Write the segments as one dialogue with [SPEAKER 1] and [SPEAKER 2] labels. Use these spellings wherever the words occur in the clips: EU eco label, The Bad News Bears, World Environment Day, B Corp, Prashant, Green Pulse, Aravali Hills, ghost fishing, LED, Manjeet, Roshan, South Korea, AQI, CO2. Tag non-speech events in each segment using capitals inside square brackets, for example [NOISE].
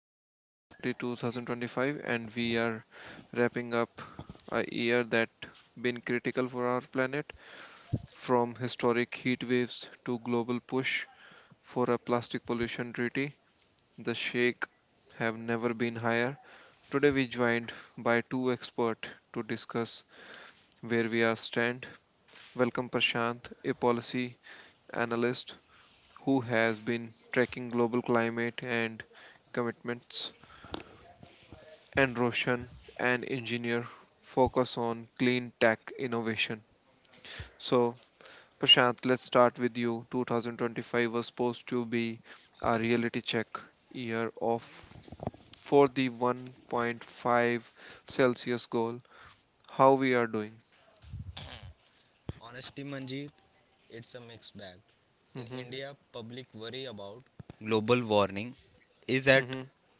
[SPEAKER 1] is December 30, 2025, and we are wrapping up a year that been critical for our planet, from historic heat waves to global push for a plastic pollution treaty. The shake have never been higher. Today we joined by two experts to discuss where we are stand. Welcome Prashant, a policy analyst who has been tracking global climate and commitments, and Roshan, an engineer focus on clean tech innovation. So, Prashant, let's start with you. 2025 was supposed to be a reality check year of for the 1.5 Celsius goal. How we are doing?
[SPEAKER 2] Honestly, Manjeet, it's a mixed bag. In
[SPEAKER 1] Mhm.
[SPEAKER 2] India, public worry about global warming is
[SPEAKER 1] Mhm.
[SPEAKER 2] at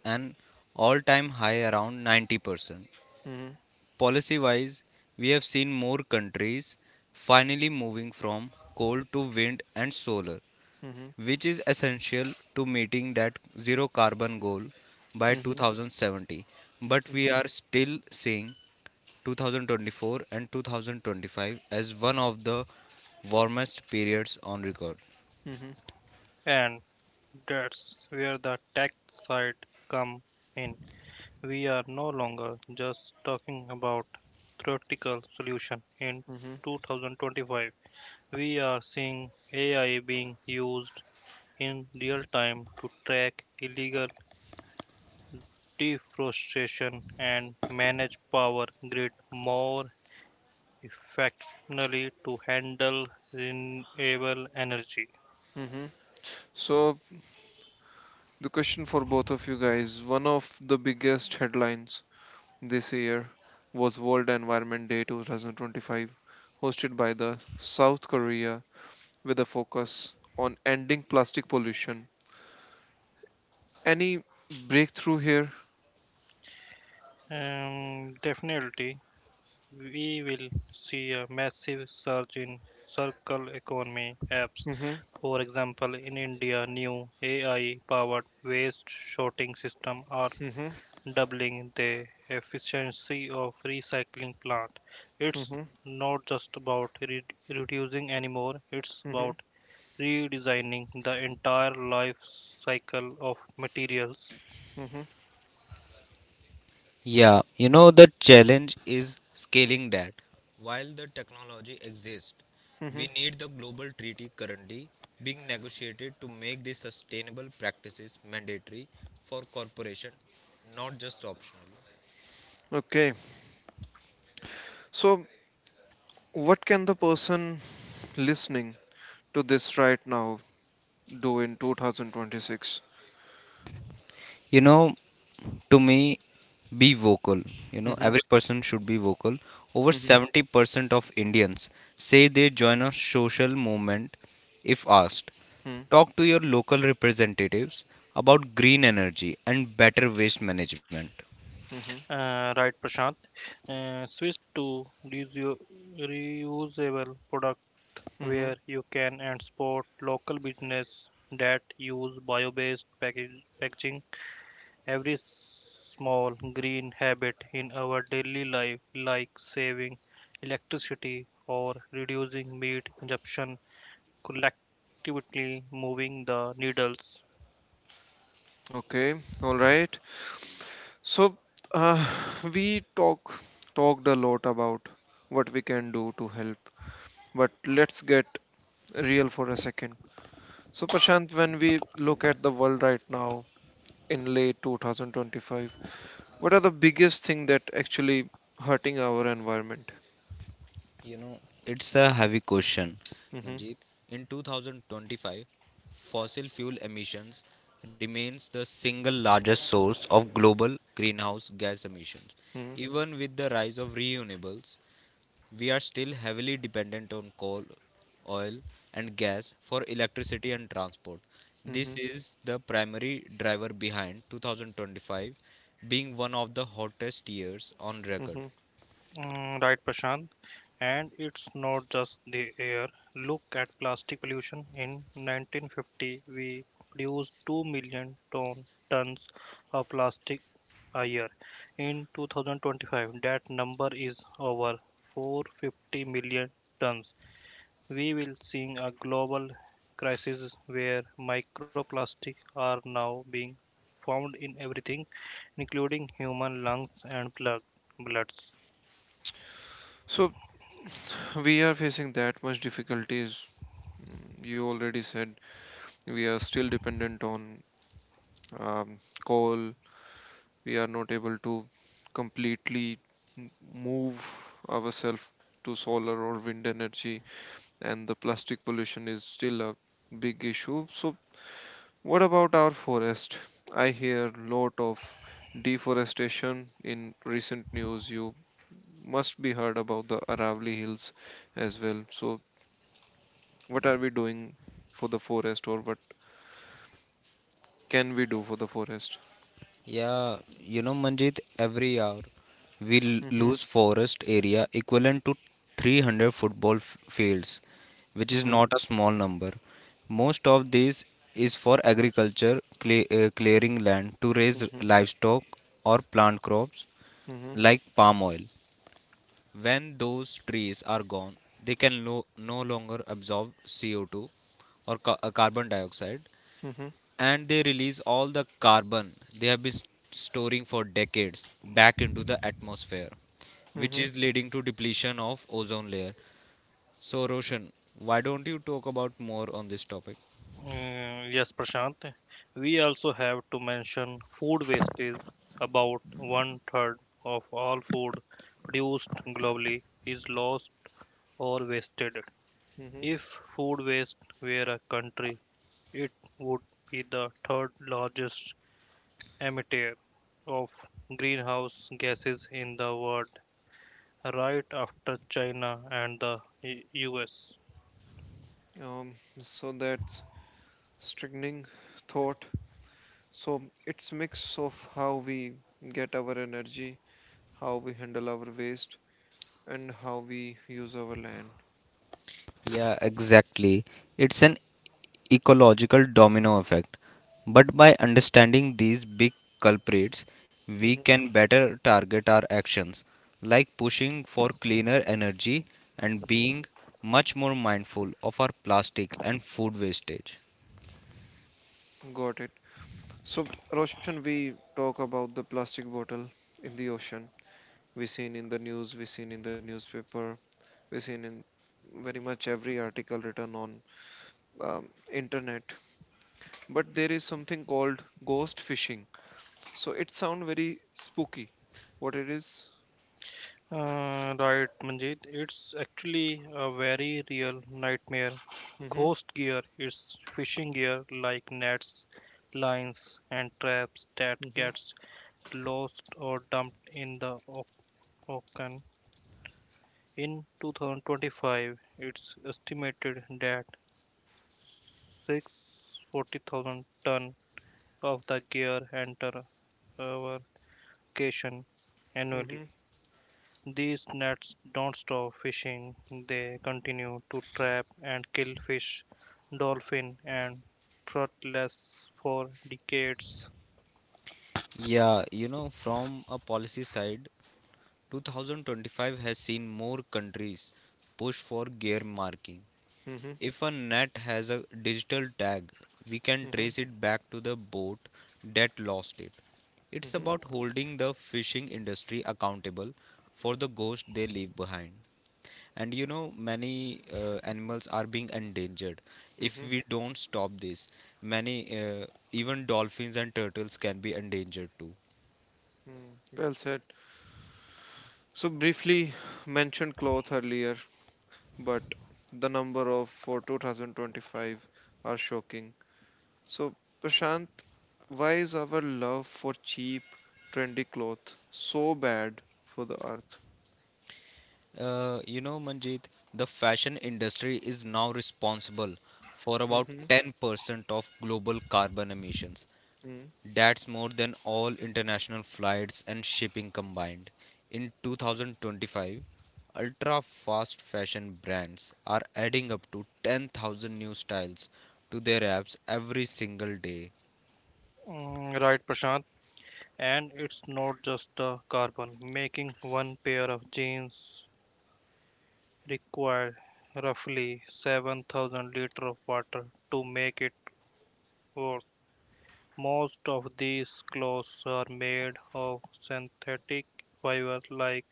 [SPEAKER 2] an all time high around 90%.
[SPEAKER 1] Mhm.
[SPEAKER 2] Policy wise, we have seen more countries finally moving from coal to wind and solar,
[SPEAKER 1] Mhm.
[SPEAKER 2] which is essential to meeting that zero carbon goal by
[SPEAKER 1] Mhm.
[SPEAKER 2] 2070. But we
[SPEAKER 1] Mhm.
[SPEAKER 2] are still seeing 2024 and 2025 as one of the warmest periods on record.
[SPEAKER 1] Mhm.
[SPEAKER 3] And that's where the tech side come in. We are no longer just talking about theoretical solution. In
[SPEAKER 1] Mhm.
[SPEAKER 3] 2025, we are seeing AI being used in real time to track illegal deforestation and manage power grid more effectively to handle renewable energy.
[SPEAKER 1] Mhm. So, the question for both of you guys, one of the biggest headlines this year was World Environment Day 2025, hosted by the South Korea with a focus on ending plastic pollution. Any breakthrough here?
[SPEAKER 3] Definitely, we will see a massive surge in circle economy apps.
[SPEAKER 1] Hmm.
[SPEAKER 3] For example, in India, new AI powered waste sorting systems are
[SPEAKER 1] Hmm.
[SPEAKER 3] doubling the efficiency of recycling plant. It's
[SPEAKER 1] Hmm.
[SPEAKER 3] not just about reducing anymore, it's
[SPEAKER 1] Hmm.
[SPEAKER 3] about redesigning the entire life cycle of materials.
[SPEAKER 1] Hmm.
[SPEAKER 2] Yeah, the challenge is scaling that. While the technology exists,
[SPEAKER 1] Hmm.
[SPEAKER 2] we need the global treaty currently being negotiated to make these sustainable practices mandatory for corporation, not just optional.
[SPEAKER 1] Okay, so what can the person listening to this right now do in 2026?
[SPEAKER 2] You know, to me, be vocal.
[SPEAKER 1] Hmm.
[SPEAKER 2] Every person should be vocal. Over
[SPEAKER 1] Hmm.
[SPEAKER 2] 70% of Indians say they join a social movement if asked.
[SPEAKER 1] Hmm.
[SPEAKER 2] Talk to your local representatives about green energy and better waste management.
[SPEAKER 1] Hmm.
[SPEAKER 3] Right, Prashant. Switch to reusable products
[SPEAKER 1] Hmm.
[SPEAKER 3] where you can, and support local business that use packaging. Every small green habit in our daily life, like saving electricity or reducing meat consumption, collectively moving the needles.
[SPEAKER 1] Okay, all right. So uh, we talked a lot about what we can do to help, but let's get real for a second. So, Prashant, when we look at the world right now in late 2025, what are the biggest thing that actually hurting our environment?
[SPEAKER 2] You know, it's a heavy question,
[SPEAKER 1] Hmm.
[SPEAKER 2] Manjeet. In 2025, fossil fuel emissions remains the single largest source of global greenhouse gas emissions.
[SPEAKER 1] Hmm.
[SPEAKER 2] Even with the rise of renewables, we are still heavily dependent on coal, oil, and gas for electricity and transport.
[SPEAKER 1] Hmm.
[SPEAKER 2] This is the primary driver behind 2025 being one of the hottest years on record.
[SPEAKER 1] Hmm.
[SPEAKER 3] Mm, right, Prashant. And it's not just the air. Look at plastic pollution. In 1950, we produced 2 million tons of plastic a year. In 2025, that number is over 450 million tons. We will see a global crisis where microplastics are now being found in everything, including human lungs and bloods.
[SPEAKER 1] So we are facing that much difficulties. You already said we are still dependent on um, coal, we are not able to completely m- move ourselves to solar or wind energy, and the plastic pollution is still a big issue. So what about our forest? I hear lot of deforestation in recent news. You must be heard about the Aravali Hills as well. So what are we doing for the forest, or what can we do for the forest?
[SPEAKER 2] Yeah, Manjit, every hour
[SPEAKER 1] Mm-hmm.
[SPEAKER 2] lose forest area equivalent to 300 fields, which is
[SPEAKER 1] Mm-hmm.
[SPEAKER 2] not a small number. Most of this is for agriculture, clearing land to raise livestock or plant crops
[SPEAKER 1] Mm-hmm.
[SPEAKER 2] like palm oil. When those trees are gone, they can no longer absorb CO2 or carbon dioxide, and they release all the carbon they have storing for decades back into the atmosphere, which
[SPEAKER 1] Mm-hmm.
[SPEAKER 2] is leading to depletion of ozone layer. So Roshan, why don't you talk about more on this topic?
[SPEAKER 3] Mm, yes, Prashant. We also have to mention food waste is about one third of all food produced globally is lost or wasted.
[SPEAKER 1] Mm-hmm.
[SPEAKER 3] If food waste were a country, it would be the third largest emitter of greenhouse gases in the world, right after China and the US.
[SPEAKER 1] Um, so that's strengthening thought. So it's mix of how we get our energy, how we handle our waste, and how we use our land.
[SPEAKER 2] Yeah, exactly. It's an ecological domino effect. But by understanding these big culprits, we
[SPEAKER 1] Hmm.
[SPEAKER 2] can better target our actions, like pushing for cleaner energy and
[SPEAKER 1] Hmm.
[SPEAKER 2] being much more mindful of our plastic and food wastage.
[SPEAKER 1] Got it. So, Roshan, we talk about the plastic bottle in the ocean. We seen in the news, we seen in the newspaper, we seen in very much every article written on internet. But there is something called ghost fishing. So it sound very spooky. What it is?
[SPEAKER 3] Right, Manjeet. It's actually a very real nightmare.
[SPEAKER 1] Mm-hmm.
[SPEAKER 3] Ghost gear is fishing gear like nets, lines, and traps that
[SPEAKER 1] Mm-hmm.
[SPEAKER 3] gets lost or dumped in the ocean. In 2025, it's estimated that 640,000 ton of the gear enter our ocean annually.
[SPEAKER 1] Mm-hmm.
[SPEAKER 3] These nets don't stop fishing, they continue to trap and kill fish, dolphin, and turtles for decades.
[SPEAKER 2] Yeah, from a policy side, 2025 has seen more countries push for gear marking.
[SPEAKER 1] Mm-hmm.
[SPEAKER 2] If a net has a digital tag, we can
[SPEAKER 1] Mm-hmm.
[SPEAKER 2] trace it back to the boat that lost it. It's
[SPEAKER 1] Mm-hmm.
[SPEAKER 2] about holding the fishing industry accountable for the ghost they leave behind. And many animals are being endangered. If
[SPEAKER 1] Mm-hmm.
[SPEAKER 2] we don't stop this, many, even dolphins and turtles can be endangered too.
[SPEAKER 1] Mm. Well said. So briefly mentioned cloth earlier, but the number of for 2025 are shocking. So, Prashant, why is our love for cheap, trendy cloth so bad for the earth?
[SPEAKER 2] Manjeet, the fashion industry is now responsible for about
[SPEAKER 1] Mm-hmm.
[SPEAKER 2] 10% of global carbon emissions. That's more than all international flights and shipping combined. In 2025, ultra fast fashion brands are adding up to 10,000 new styles to their apps every single day.
[SPEAKER 3] Mm, right, Prashant? And it's not just the carbon. Making one pair of jeans requires roughly 7,000 liters of water to make it worth. Most of these clothes are made of synthetic fiber like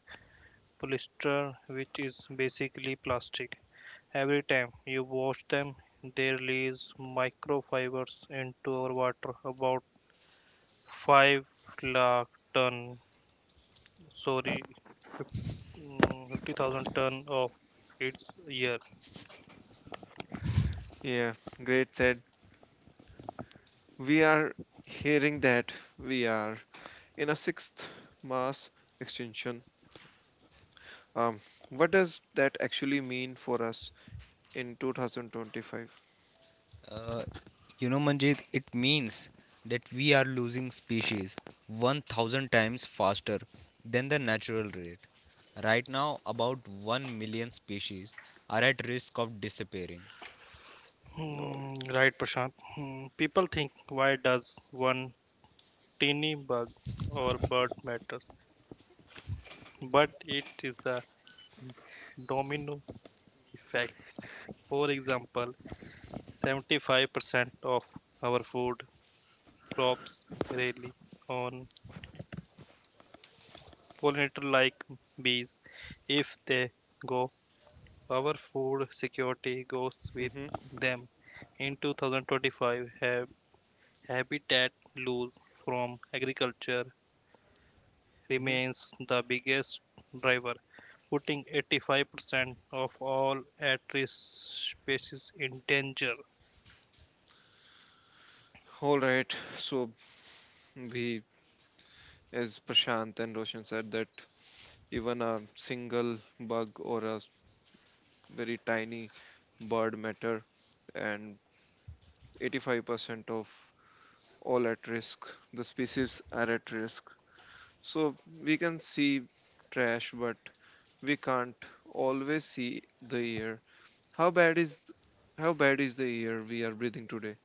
[SPEAKER 3] polyester, which is basically plastic. Every time you wash them, they release microfibers into our water. About 5 lakh ton, sorry, mm, 50,000 ton of its year.
[SPEAKER 1] Yeah, great said. We are hearing that. We are in a sixth mass extinction. Um, what does that actually mean for us in 2025?
[SPEAKER 2] Uh, Manjit, it means that we are losing species 1,000 times faster than the natural rate. Right now, about 1 million species are at risk of disappearing.
[SPEAKER 1] Oh.
[SPEAKER 3] Hmm, right, Prashant. Hmm, people think, why does one tiny bug or bird matters? But it is a domino effect. For example, 75% of our food crops rely on pollinator like bees. If they go, our food security goes with
[SPEAKER 1] Mhm.
[SPEAKER 3] them. In 2025, habitat loss from agriculture
[SPEAKER 1] Mhm.
[SPEAKER 3] remains the biggest driver, putting 85% of all at risk species in danger.
[SPEAKER 1] All right. So we, as Prashant and Roshan said, that even a single bug or a very tiny bird matter, and 85% of all at risk. The species are at risk. So we can see trash, but we can't always see the air. How bad is th- how bad is the air we are breathing today?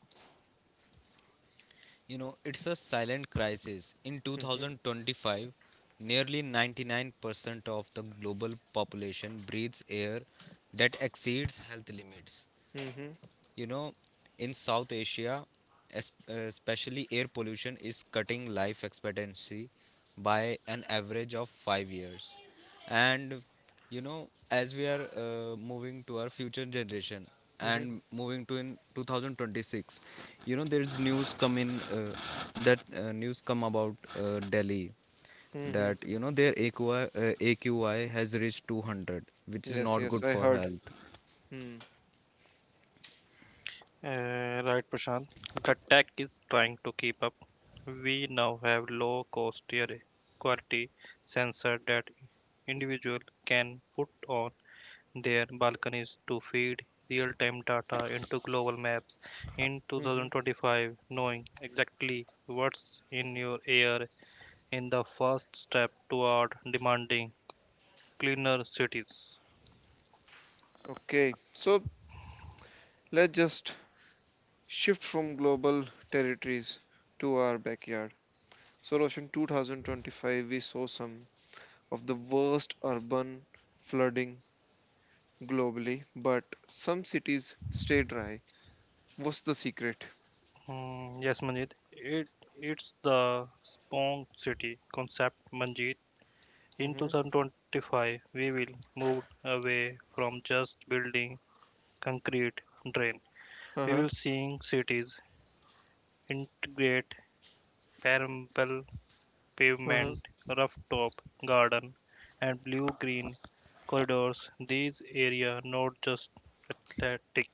[SPEAKER 2] It's a silent crisis. In
[SPEAKER 1] Hmm.
[SPEAKER 2] 2025, nearly 99% of the global population breathes air that exceeds health limits.
[SPEAKER 1] Hmm.
[SPEAKER 2] You know, in South Asia, especially air pollution is cutting life expectancy by an average of 5 years. And as we are moving to our future generation
[SPEAKER 1] Hmm.
[SPEAKER 2] and moving to in 2026, there is news come in that news come about Delhi
[SPEAKER 1] Hmm.
[SPEAKER 2] that their AQI has reached 200, which is
[SPEAKER 1] Yes,
[SPEAKER 2] not
[SPEAKER 1] yes,
[SPEAKER 2] good
[SPEAKER 1] I
[SPEAKER 2] for
[SPEAKER 1] heard.
[SPEAKER 2] health.
[SPEAKER 1] Hmm.
[SPEAKER 3] Right, Prashant. The tech is trying to keep up. We now have low cost tier quality sensor that individual can put on their balconies to feed real time data into global maps in
[SPEAKER 1] Hmm.
[SPEAKER 3] 2025. Knowing exactly what's in your air in the first step toward demanding cleaner cities.
[SPEAKER 1] Okay, so let's just shift from global territories to our backyard. So, Roshan, 2025, we saw some of the worst urban flooding globally, but some cities stay dry. What's the secret?
[SPEAKER 3] Hmm, yes, Manjit. It's the Spong City concept, Manjit. In
[SPEAKER 1] Mm-hmm.
[SPEAKER 3] 2025, we will move away from just building concrete drain. We
[SPEAKER 1] Uh-huh.
[SPEAKER 3] will seeing cities integrate permeable
[SPEAKER 1] Uh-huh.
[SPEAKER 3] pavement, rooftop garden, and blue-green corridors. These areas not just athletic;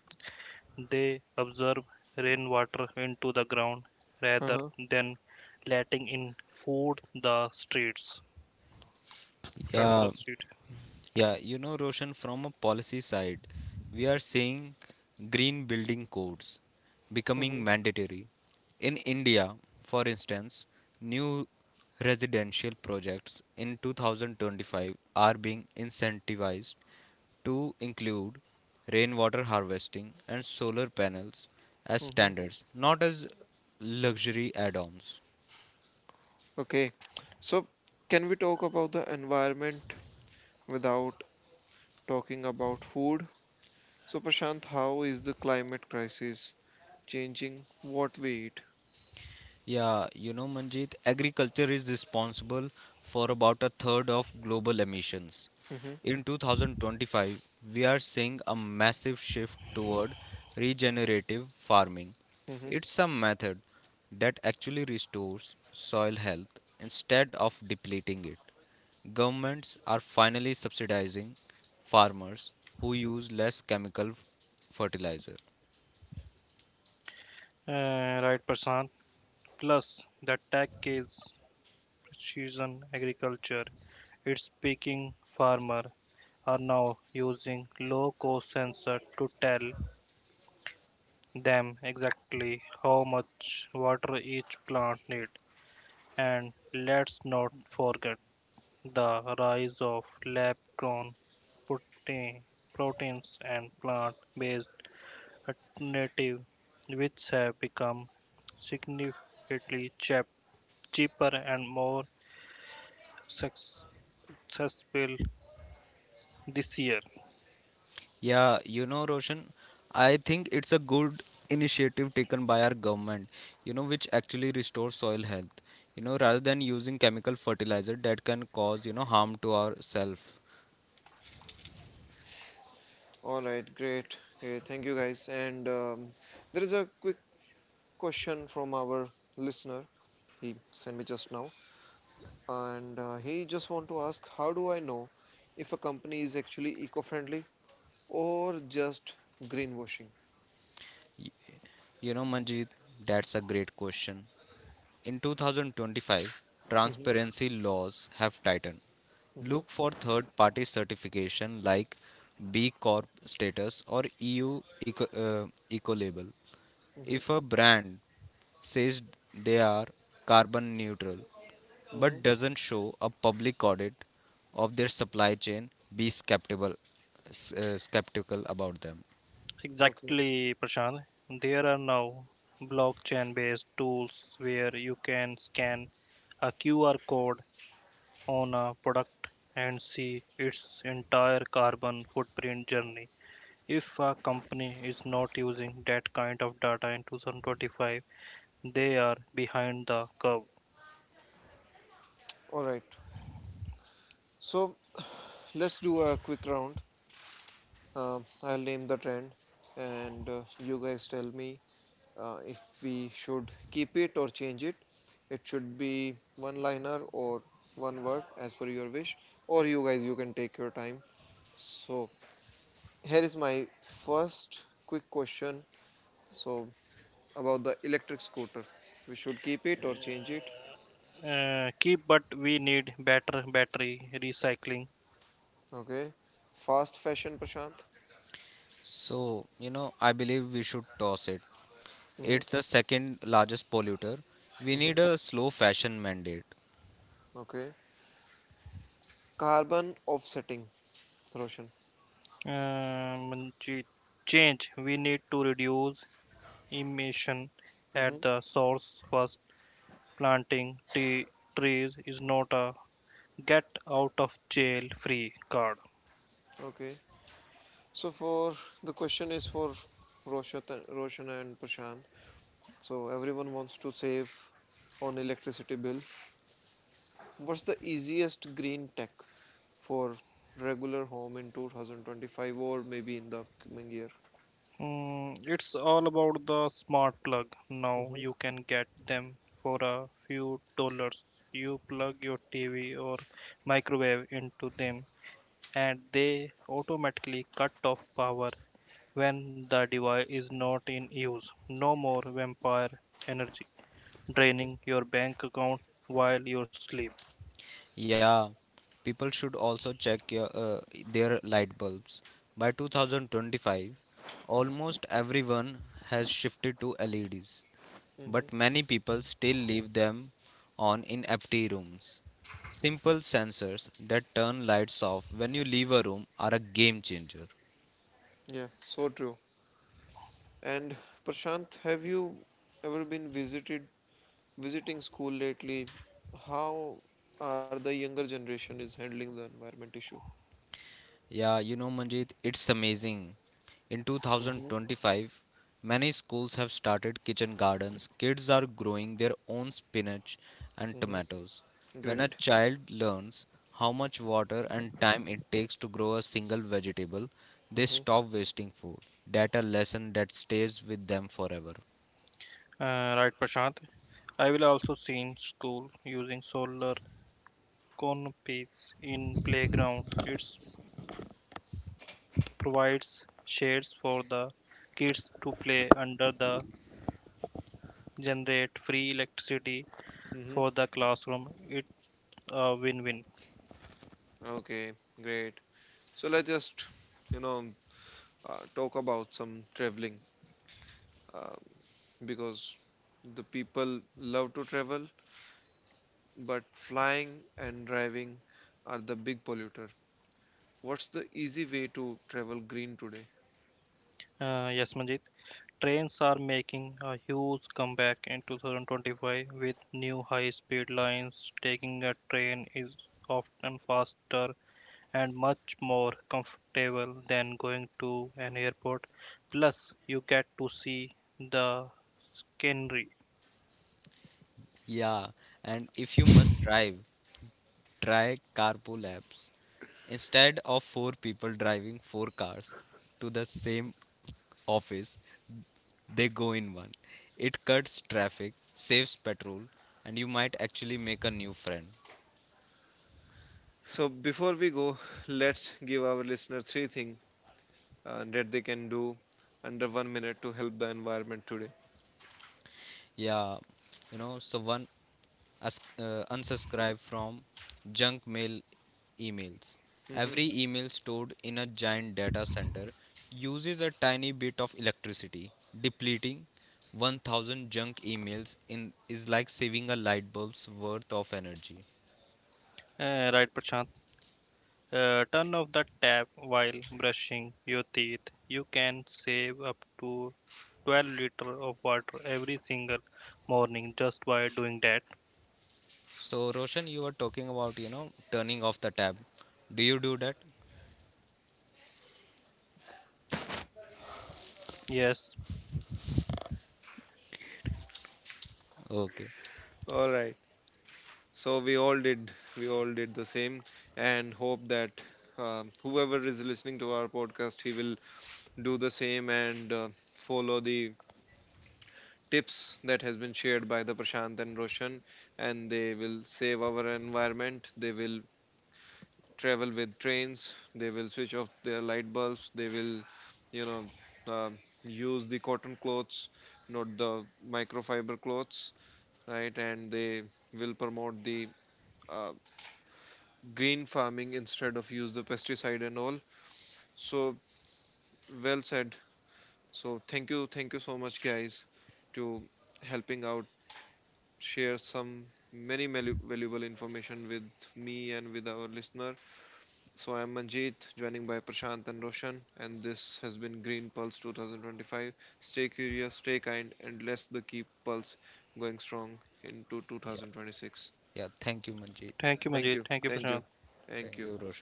[SPEAKER 3] they absorb rainwater into the ground rather
[SPEAKER 1] Uh-huh.
[SPEAKER 3] than letting in food the streets flood the
[SPEAKER 2] Yeah.
[SPEAKER 3] street.
[SPEAKER 2] Yeah, Roshan, from a policy side, we are seeing green building codes
[SPEAKER 1] Mm-hmm.
[SPEAKER 2] becoming mandatory. In India, for instance, new residential projects in 2025 are being incentivized to include rainwater harvesting and solar panels as
[SPEAKER 1] Mm-hmm.
[SPEAKER 2] standards, not as luxury add ons.
[SPEAKER 1] Okay. So, can we talk about the environment without talking about food? So, Prashant, how is the climate crisis changing what we eat?
[SPEAKER 2] Yeah, Manjit, agriculture is responsible for about a third of global emissions.
[SPEAKER 1] Mm-hmm.
[SPEAKER 2] In 2025, we are seeing a massive shift toward regenerative farming.
[SPEAKER 1] Mm-hmm.
[SPEAKER 2] It's a method that actually restores soil health instead of depleting it. Governments are finally subsidizing farmers who use less chemical fertilizer.
[SPEAKER 3] Right, Prashant. Plus, the tech is precision agriculture. Its picking farmer are now using low-cost sensor to tell them exactly how much water each plant need. And let's not forget the rise of lab-grown protein, proteins and plant-based alternatives, which have become significantly cheaper and more successful this year.
[SPEAKER 2] Yeah, Roshan, I think it's a good initiative taken by our government, which actually restores soil health, rather than using chemical fertilizer that can cause, harm to ourself.
[SPEAKER 1] All right, great. Okay, thank you guys. And there is a quick question from our listener. He sent me just now, and he just want to ask, how do I know if a company is actually eco-friendly? Or just greenwashing.
[SPEAKER 2] Y- You know, Manjeet, that's a great question. In 2025,
[SPEAKER 1] Mhm.
[SPEAKER 2] transparency laws have tightened.
[SPEAKER 1] Mhm.
[SPEAKER 2] Look for third party certification like B Corp status or EU eco label.
[SPEAKER 1] Mhm.
[SPEAKER 2] If a brand says they are carbon neutral but
[SPEAKER 1] Mhm.
[SPEAKER 2] doesn't show a public audit of their supply chain, be skeptical, skeptical about them.
[SPEAKER 1] Okay,
[SPEAKER 3] Exactly, Prashant. There are now blockchain based tools where you can scan a QR code on a product and see its entire carbon footprint journey. If a company is not using that kind of data in 2025, they are behind the curve.
[SPEAKER 1] all right. So let's do a quick round. I'll name the trend, and you guys tell me if we should keep it or change it. It should be one liner or one word as per your wish, or you guys, you can take your time. So here is my first quick question. So about the electric scooter, we should keep it or change it.
[SPEAKER 3] Key, but we need better battery recycling.
[SPEAKER 1] Okay. Fast fashion, Prashant.
[SPEAKER 2] So I believe we should toss it.
[SPEAKER 1] Mm-hmm.
[SPEAKER 2] It's the second largest polluter. We
[SPEAKER 1] Mm-hmm.
[SPEAKER 2] need a slow fashion mandate.
[SPEAKER 1] Okay. Carbon offsetting, Roshan.
[SPEAKER 3] Um, ch- Change. We need to reduce emission at
[SPEAKER 1] Mm-hmm.
[SPEAKER 3] the source first. Planting trees is not a get out of jail free card.
[SPEAKER 1] Okay. So for the question is for Roshan, Roshan and Prashant. So everyone wants to save on electricity bill. What's the easiest green tech for regular home in 2025 or maybe in the upcoming year?
[SPEAKER 3] Mm, it's all about the smart plug. Now you
[SPEAKER 1] Mm-hmm.
[SPEAKER 3] can get them for a few dollars. You plug your TV or microwave into them and they automatically cut off power when the device is not in use. No more vampire energy
[SPEAKER 1] Mm-hmm.
[SPEAKER 3] draining your bank account while you sleep.
[SPEAKER 2] Yeah, people should also check their light bulbs. By 2025 almost everyone has shifted to LEDs, but
[SPEAKER 1] Mm-hmm.
[SPEAKER 2] many people still leave them on in empty rooms. Simple sensors that turn lights off when you leave a room are a game changer.
[SPEAKER 1] Yeah, so true. And, Prashant, have you ever been visited visiting school lately? How are the younger generation is handling the environment issue?
[SPEAKER 2] Yeah, Manjit, it's amazing. In
[SPEAKER 1] Mm-hmm.
[SPEAKER 2] 2025, many schools have started kitchen gardens. Kids are growing their own spinach and
[SPEAKER 1] Mm-hmm.
[SPEAKER 2] tomatoes. When a
[SPEAKER 1] Great.
[SPEAKER 2] child learns how much water and time it takes to grow a single vegetable, they
[SPEAKER 1] Mm-hmm.
[SPEAKER 2] stop wasting food. That a lesson that stays with them forever.
[SPEAKER 3] Right, Prashant. I will also seen school using solar canopies in playground. It provides shades for the kids to play under the generate free electricity
[SPEAKER 1] Mm-hmm.
[SPEAKER 3] for the classroom. It's a win-win.
[SPEAKER 1] Okay, great. So let's just you know talk about some traveling uh, because the people love to travel, but flying and driving are the big polluter. What's the easy way to travel green today?
[SPEAKER 3] Yes, Manjit. Trains are making a huge comeback in 2025 with new high speed lines. Taking a train is often faster and much more comfortable than going to an airport. Plus, you get to see the scenery.
[SPEAKER 2] Yeah, and if you must drive, try carpool apps. Instead of four people driving four cars to the same office, they go in one. It cuts traffic, saves petrol, and you might actually make a new friend.
[SPEAKER 1] So before we go [LAUGHS] let's give our listener three things, and that they can do under 1 minute to help the environment today.
[SPEAKER 2] Yeah, so one. Unsubscribe from junk mail emails. Every
[SPEAKER 1] Mhm.
[SPEAKER 2] email stored in a giant data center uses a tiny bit of electricity. Depleting 1,000 junk emails in is like saving a light bulb's worth of energy.
[SPEAKER 3] Eh, right, Prashant? Turn off the tap while brushing your teeth. You can save up to 12 liters of water every single morning just by doing that.
[SPEAKER 2] So Roshan, you were talking about, turning off the tab. Do you do that?
[SPEAKER 3] Yes.
[SPEAKER 2] Okay.
[SPEAKER 1] All right. So we all did the same, and hope that whoever is listening to our podcast, he will do the same, and follow the tips that has been shared by the Prashant and Roshan, and they will save our environment. They will travel with trains, they will switch off their light bulbs, they will you know uh, use the cotton clothes, not the microfiber clothes, right? And they will promote the uh, green farming instead of use the pesticide and all. So well said. So thank you, thank you so much guys, to helping out share some many valuable information with me and with our listener. So I'm Manjeet, joining by Prashant and Roshan, and this has been Green Pulse 2025. Stay curious, stay kind, and let's the keep pulse going strong into
[SPEAKER 2] Yeah.
[SPEAKER 1] 2026.
[SPEAKER 2] Yeah, thank you Manjeet.
[SPEAKER 3] Thank you,
[SPEAKER 1] Thank
[SPEAKER 3] Manjeet.
[SPEAKER 1] you,
[SPEAKER 3] Thank you,
[SPEAKER 1] thank you,
[SPEAKER 3] Prashant.
[SPEAKER 2] Thank
[SPEAKER 1] thank
[SPEAKER 2] you
[SPEAKER 1] you.
[SPEAKER 2] Roshan.